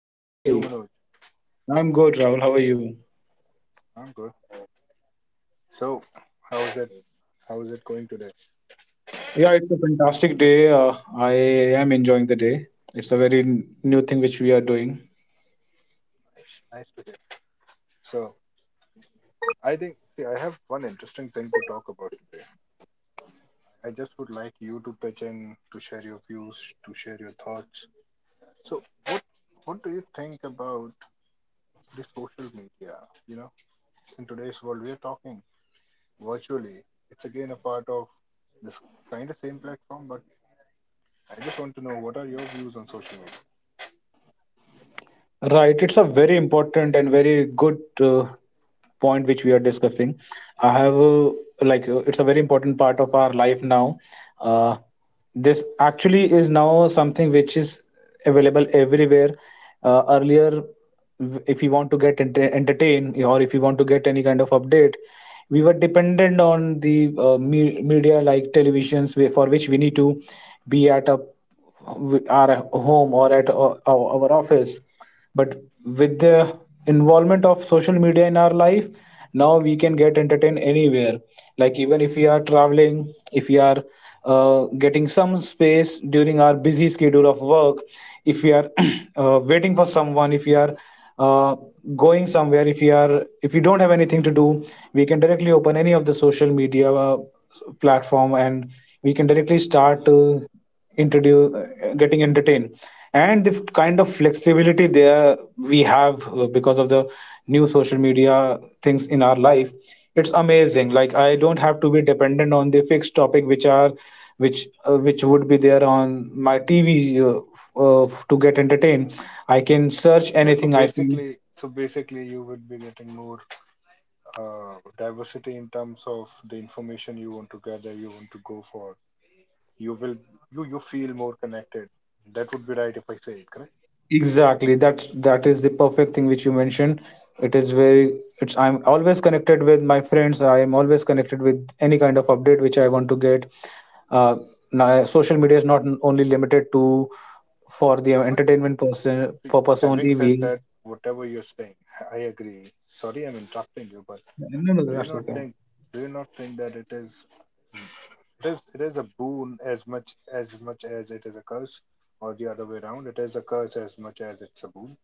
Yeah, How are you, hi. Manoj? I'm good, Rahul. How are you? I'm good. So, how is it? How is it going today? Yeah, it's a fantastic day. I Nice, nice to hear. So, I think, see, I have one interesting thing to talk about today. I just would like you to pitch in, to share your views, to share your thoughts. So, what do you think about the social media? You know, in today's world, we are talking virtually. It's again a part of this kind of same platform, but I just want to know what are your views on social media? Yeah, so basically, you would be getting more diversity in terms of the information you want to gather, you want to go for. You will, you feel more connected. That would be right if I say it correct. But we- having said that, whatever you're saying, I agree. Sorry, I'm interrupting you, but do you not think, do you not think that it is a boon as much as it is a curse, or the other way around? It is a curse as much as it's a boon.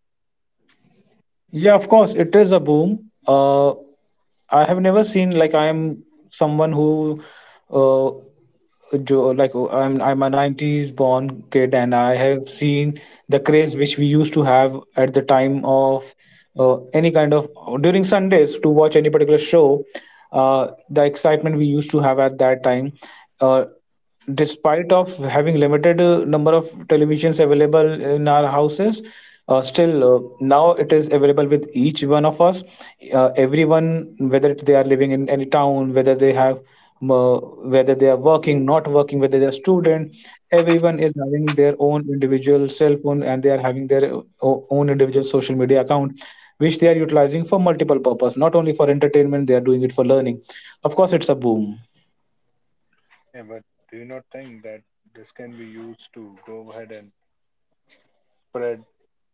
Yeah, but do you not think that this can be used to go ahead and spread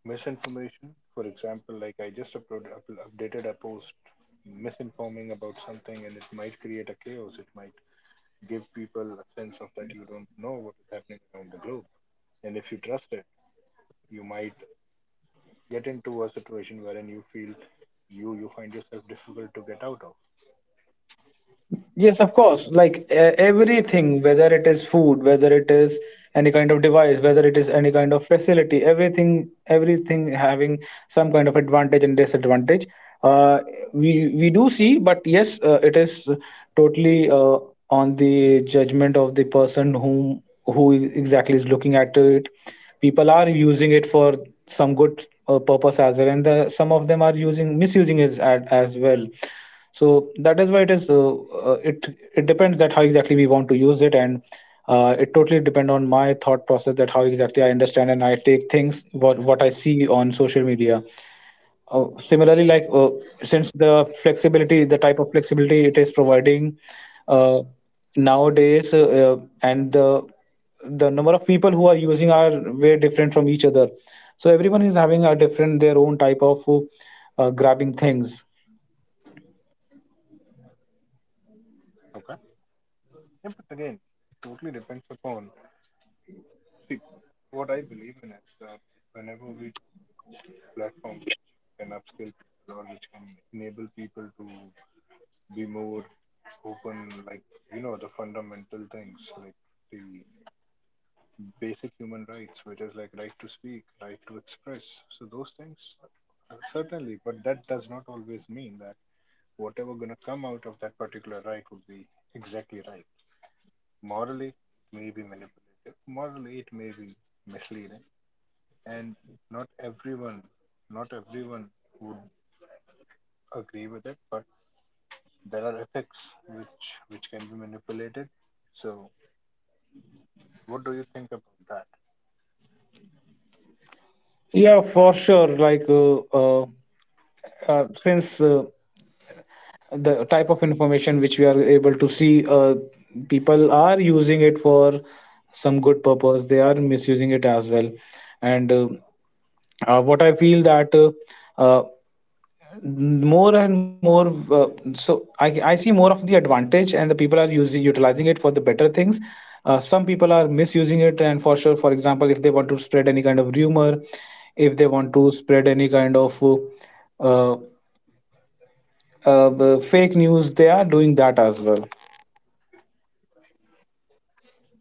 misinformation? For example, like I just updated a post misinforming about something, and it might create a chaos. It might give people a sense of that you don't know what is happening around the globe. And if you trust it, you might get into a situation wherein you feel you find yourself difficult to get out of. Okay. Yeah, but again, it totally depends upon. See, what I believe in is that whenever we platform which can upskill people or which can enable people to be more open, like, the fundamental things, like the basic human rights, which is like right to speak, right to express. So those things, certainly, but that does not always mean that whatever gonna come out of that particular right would be exactly right. Morally, it may be manipulative. Morally, it may be misleading, and not everyone, not everyone would agree with it, but there are ethics which can be manipulated. So, what do you think about that?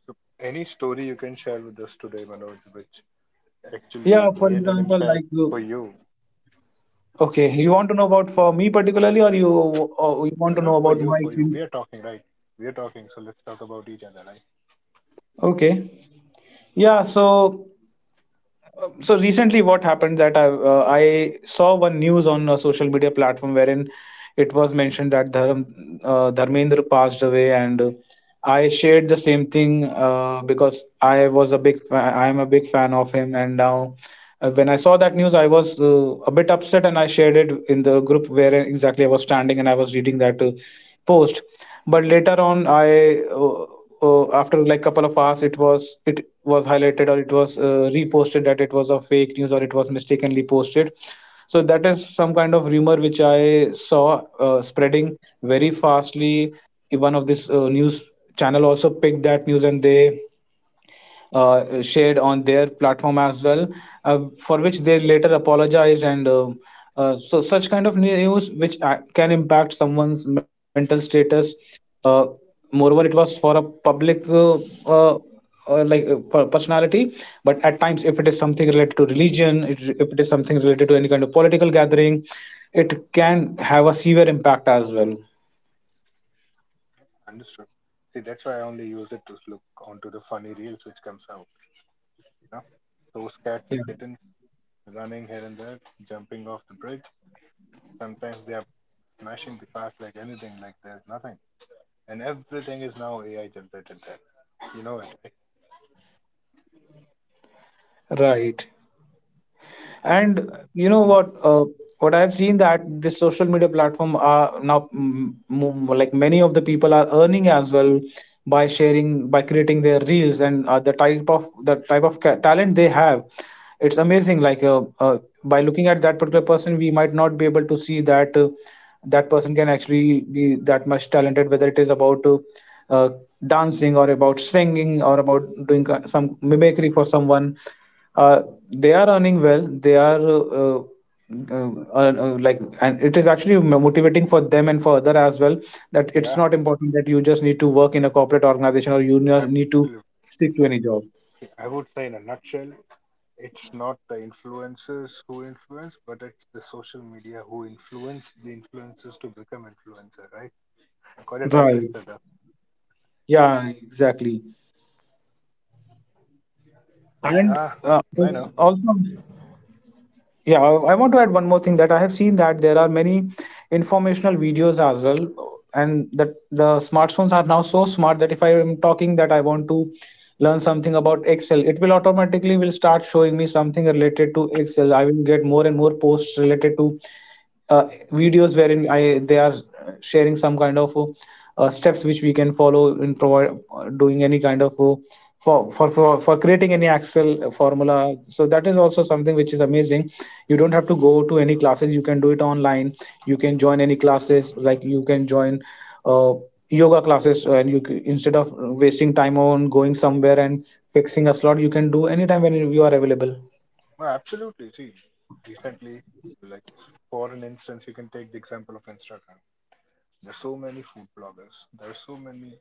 So, any story you can share with us today, Manoj, which actually made an impact for you? No, not for you, for you. We are talking, right? We are talking, so let's talk about each other, right? Understood. See, that's why I only use it to look onto the funny reels which comes out. You know, those cats and kittens running here and there, jumping off the bridge. Sometimes they are smashing the cars like anything, like there's nothing. And everything is now AI generated there. You know it, right? So, mhm. Yeah, absolutely. I would say in a nutshell, it's not the influencers who influence, but it's the social media who influence the influencers to become influencer, right? Quite a tongue twister, though. Ah, I know. No, absolutely. See, recently, like for an instance, you can take the example of Instagram. There's so many food bloggers. There are so many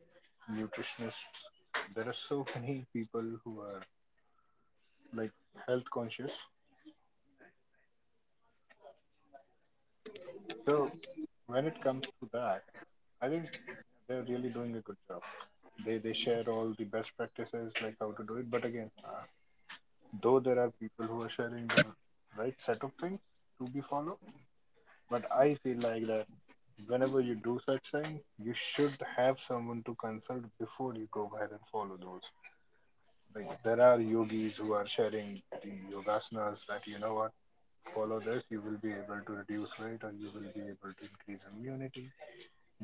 nutritionists. There are so many people who are like health conscious. So when it comes to that, I think they're really doing a good job. They share all the best practices, like how to do it. But again, though there are people who are sharing the right set of things to be followed, but I feel like that whenever you do such thing, you should have someone to consult before you go ahead and follow those. Like there are yogis who are sharing the yogasanas that are. Follow this, you will be able to reduce weight and you will be able to increase immunity.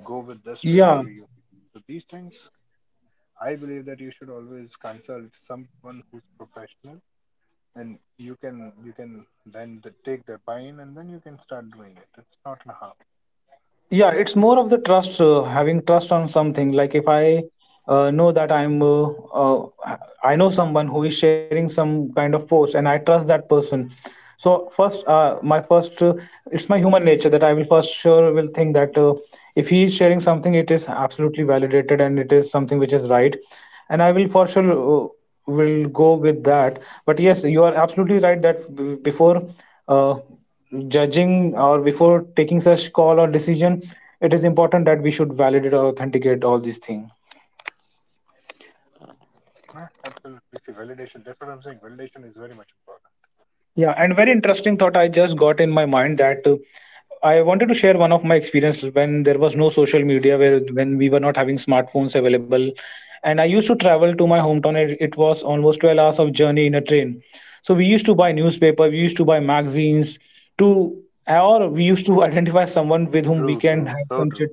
Go with the strength you use. So these things, I believe that you should always consult someone who's professional, and you can then take their buy-in, and then you can start doing it. It's not a harm. Eh, absolutely. See, validation. That's what I'm saying. Validation is very much important. True, true, so true.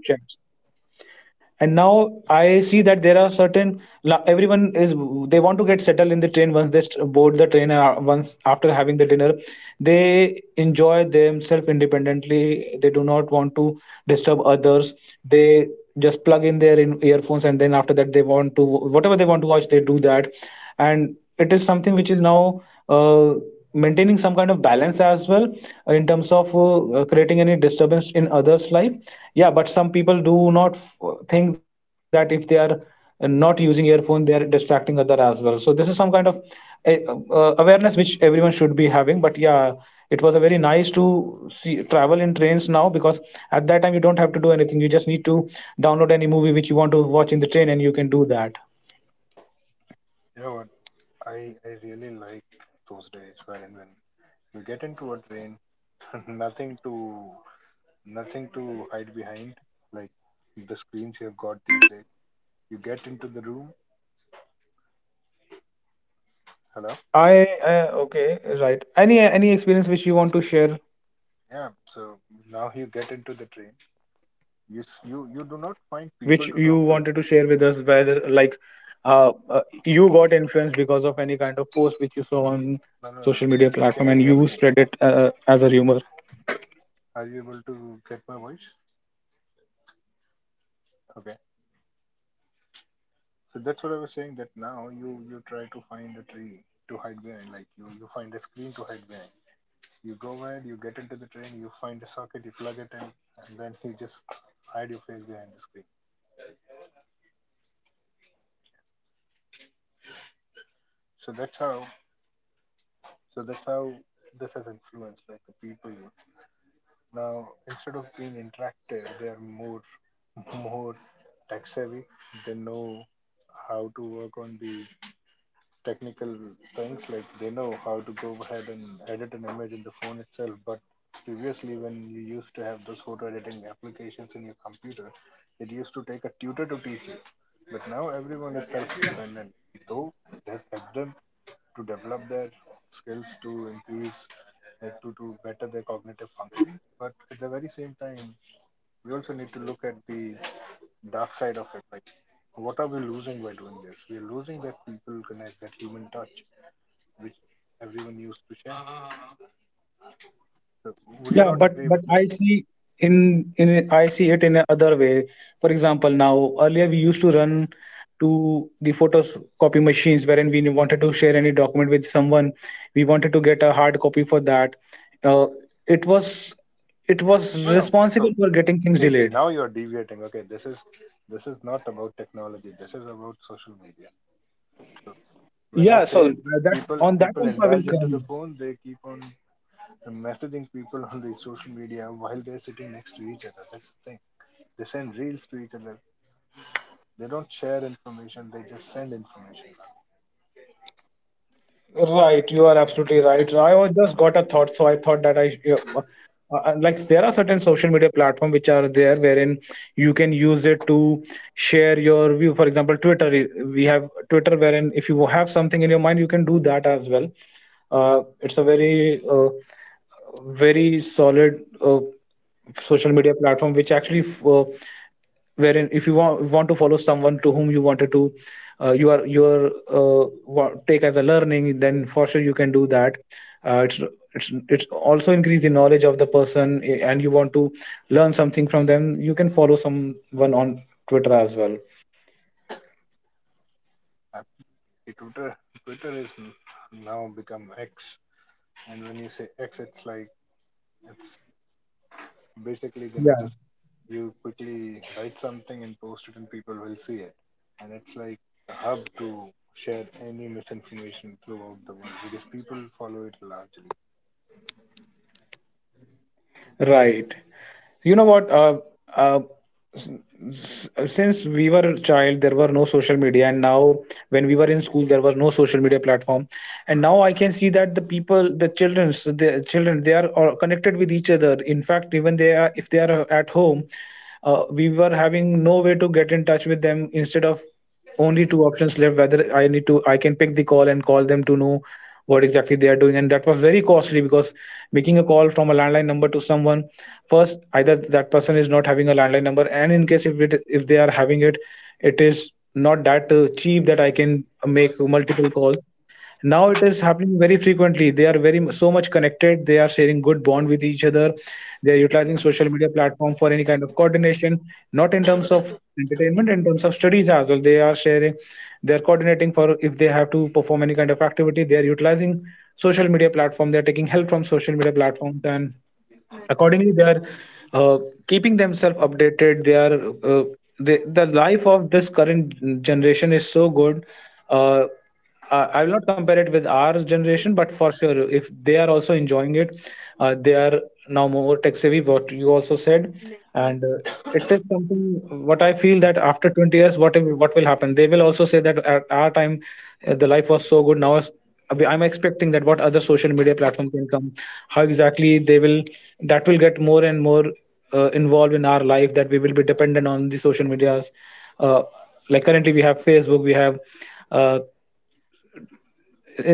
You know what? I really like those days wherein when you get into a train, nothing to nothing to hide behind, like the screens you've got these days. You get into the room, hello? Yeah, so now you get into the train. You s- you do not find people to talk to. No, no, no. Can you hear me? Are you able to get my voice? Okay. So that's what I was saying that now you try to find a tree to hide behind, like you find a screen to hide behind. You go ahead, you get into the train, you find a socket, you plug it in, and then you just hide your face behind the screen. So that's how So that's how this has influenced like the people. Now instead of being interactive, they're more more tech savvy. They know how to work on the technical things. Like they know how to go ahead and edit an image in the phone itself. But previously, when you used to have those photo editing applications in your computer, it used to take a tutor to teach you. But now everyone is self-dependent. Though it has helped them to develop their skills to increase, like to better their cognitive function, but at the very same time we also need to look at the dark side of it, like what are we losing by doing this? We're losing that people connect, that human touch which everyone used to share. So would you not agree with that? No, no. So, see now you're deviating. Okay, this is not about technology, this is about social media. So when I say people indulge into the phone, they keep on and messaging people on the social media while they're sitting next to each other. That's the thing. They send reels to each other. They don't share information. They just send information. Actually, Twitter is now become X, and when you say X, it's like it's basically gonna just you quickly write something and post it, and people will see it. And it's like a hub to share any misinformation throughout the world because people follow it largely.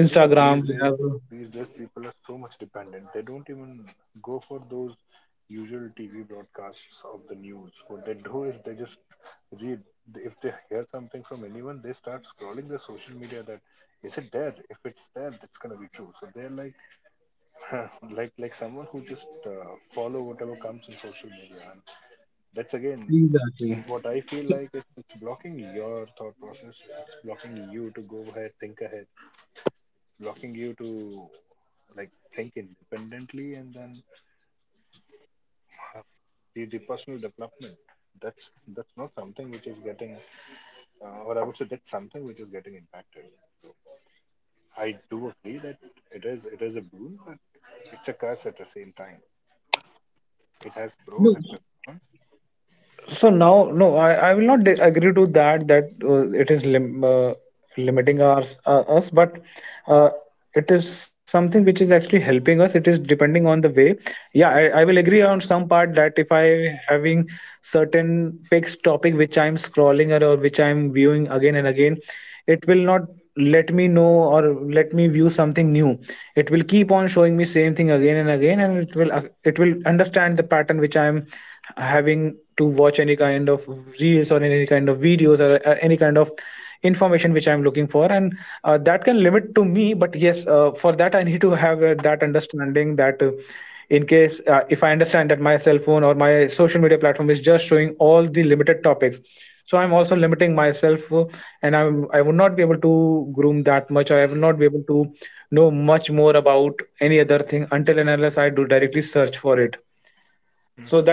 You know, these days, these days, people are so much dependent. They don't even go for those usual TV broadcasts of the news. What they do is they just read. If they hear something from anyone, they start scrolling their social media that is it there? If it's there, that's gonna be true. So they're like, like someone who just follow whatever comes in social media, and that's again what I feel like. It's blocking your thought process. It's blocking you to go ahead, think ahead, blocking you to like think independently and then uh, the personal development, that's not something which is getting or I would say that's something which is getting impacted. I do agree that it is a boon, but it's a curse at the same time. It has pros, it has cons. Mhm.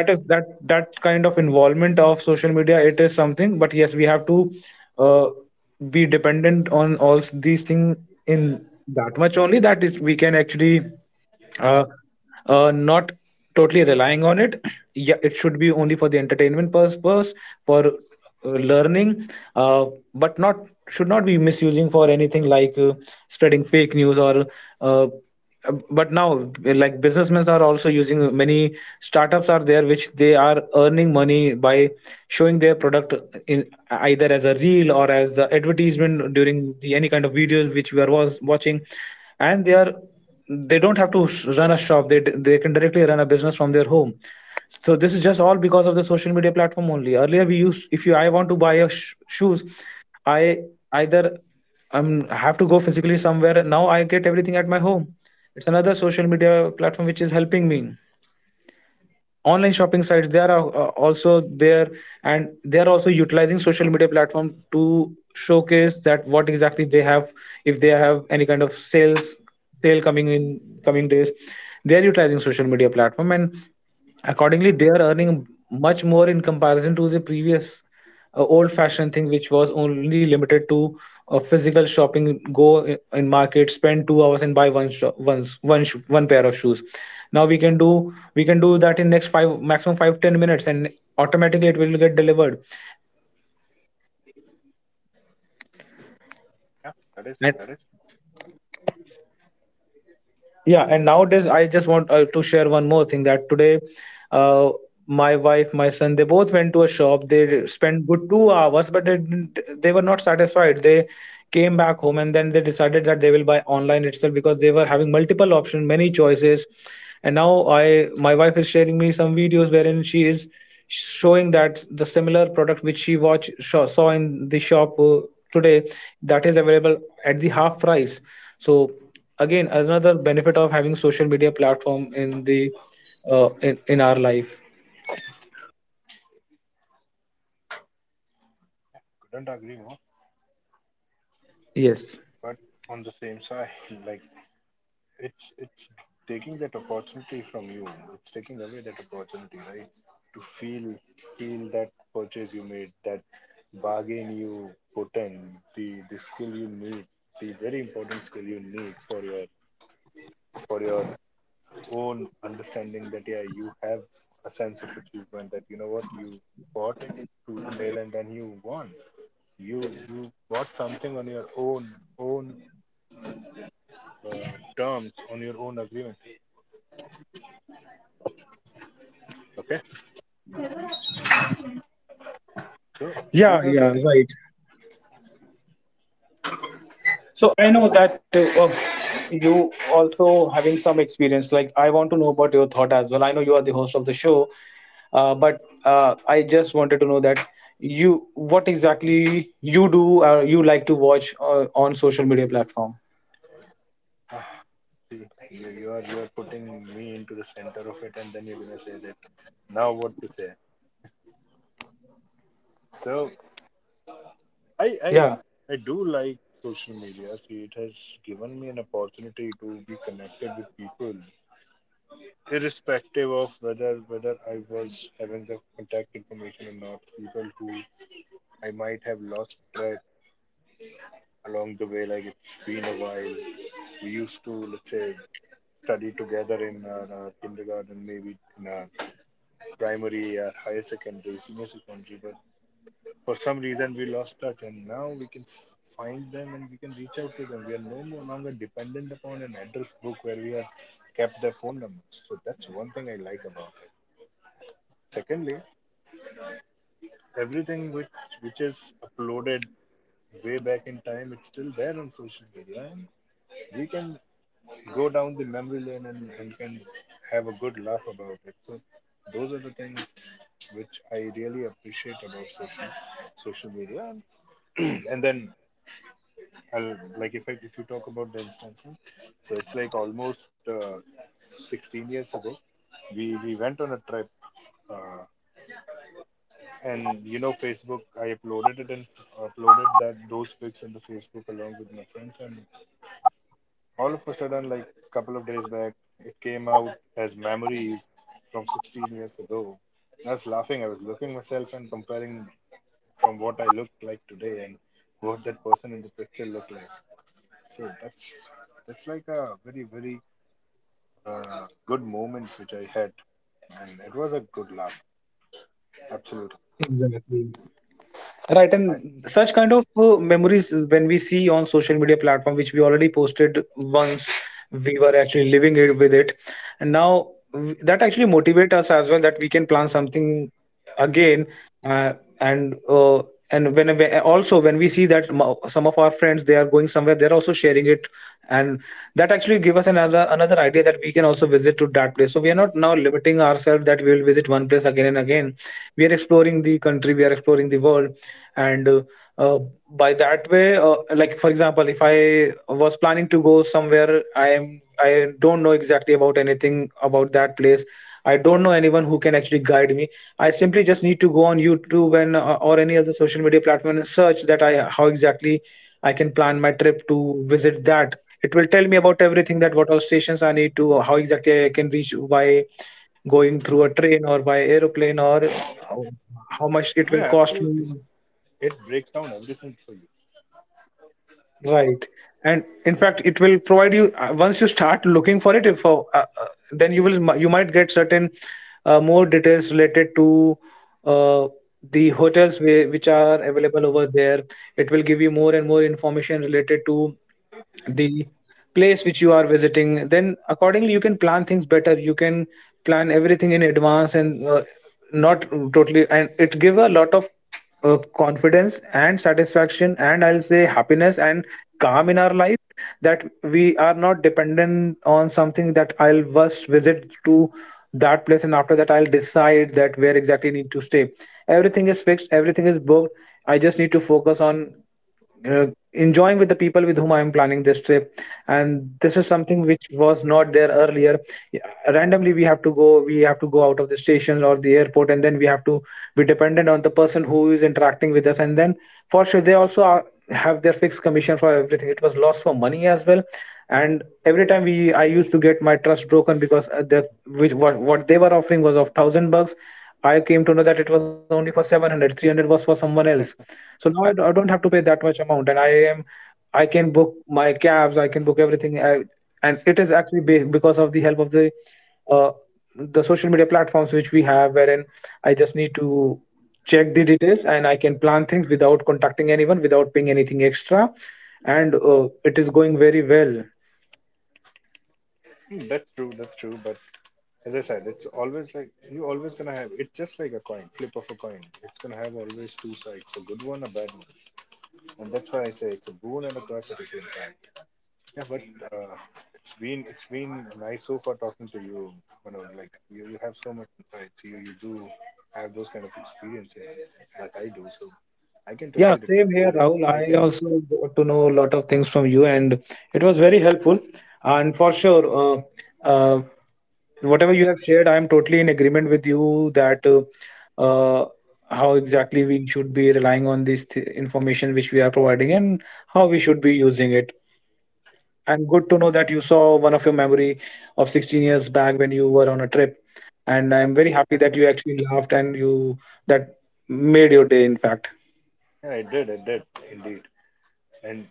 Yeah, that is couldn't agree more, but on the same side like it's taking that opportunity from you. It's taking away that opportunity, right? To feel that purchase you made, that bargain you put in, the skill you need, the very important skill you need for your own understanding, that yeah, you have a sense of achievement, that you know what, you fought tooth and nail and then you won. You bought something on your own terms, on your own agreement. Okay. So these are the things. Ah, see, you are putting me into the center of it, and then you're gonna say that now what to say. So I I I do like social media. See, it has given me an opportunity to be connected with people, irrespective of whether I was having the contact information or not. People who I might have lost track along the way, like it's been a while we used to, let's say, study together in kindergarten, maybe in primary, higher secondary, senior secondary. But for some reason, we lost touch, and now we can find them and we can reach out to them. We are no more longer dependent upon an address book where we have kept their phone numbers. So that's one thing I like about it. Secondly, everything which is uploaded way back in time, it's still there on social media, and we can go down the memory lane and can have a good laugh about it. So those are the things which I really appreciate about social media. And, and then if you talk about the instancing, so it's like almost 16 years ago we went on a trip, uh, and Facebook, I uploaded it, and uploaded that, those pics in the Facebook along with my friends, and all of a sudden, like a couple of days back, it came out as memories from 16 years ago. And I was laughing. I was looking myself and comparing from what I looked like today and what that person in the picture looked like. So that's like a very very good moment which I had, and it was a good laugh. Absolutely. I Yeah, absolutely. It breaks down everything for you. Hmm, that's true. That's true. But as I said, it's always like you always gonna have, it's just like a coin, flip of a coin. It's gonna have always two sides, a good one, a bad one. And that's why I say it's a boon and a curse at the same time. Yeah, but it's been nice so far talking to you, like you have so much insights. You do have those kind of experiences like I do, so I can totally relate. I can. Yeah, I did indeed. And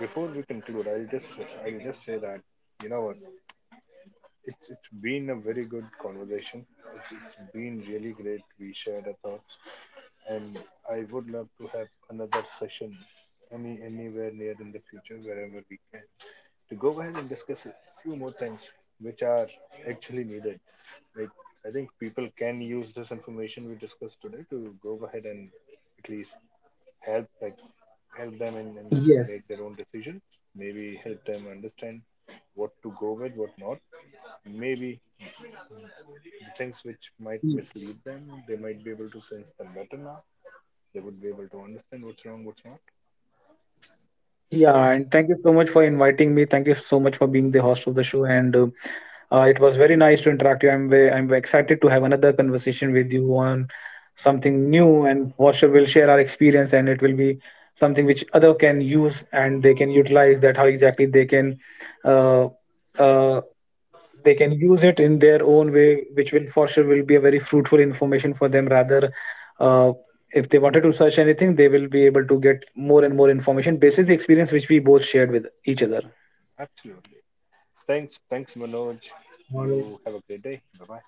before we conclude, I'll just say that, you know what? It's been a very good conversation. It's been really great. We shared our thoughts, and I would love to have another session anywhere near in the future, wherever we can, to go ahead and discuss a few more things which are actually needed. Like I think people can use this information we discussed today to go ahead and at least help, like help them, and, make their own decision. Maybe help them understand what to go with, what not, maybe the things which might mislead them. They might be able to sense them better now. They would be able to understand what's wrong, what's not. Absolutely. Thanks, thanks, Manoj. You have a great day. Bye bye.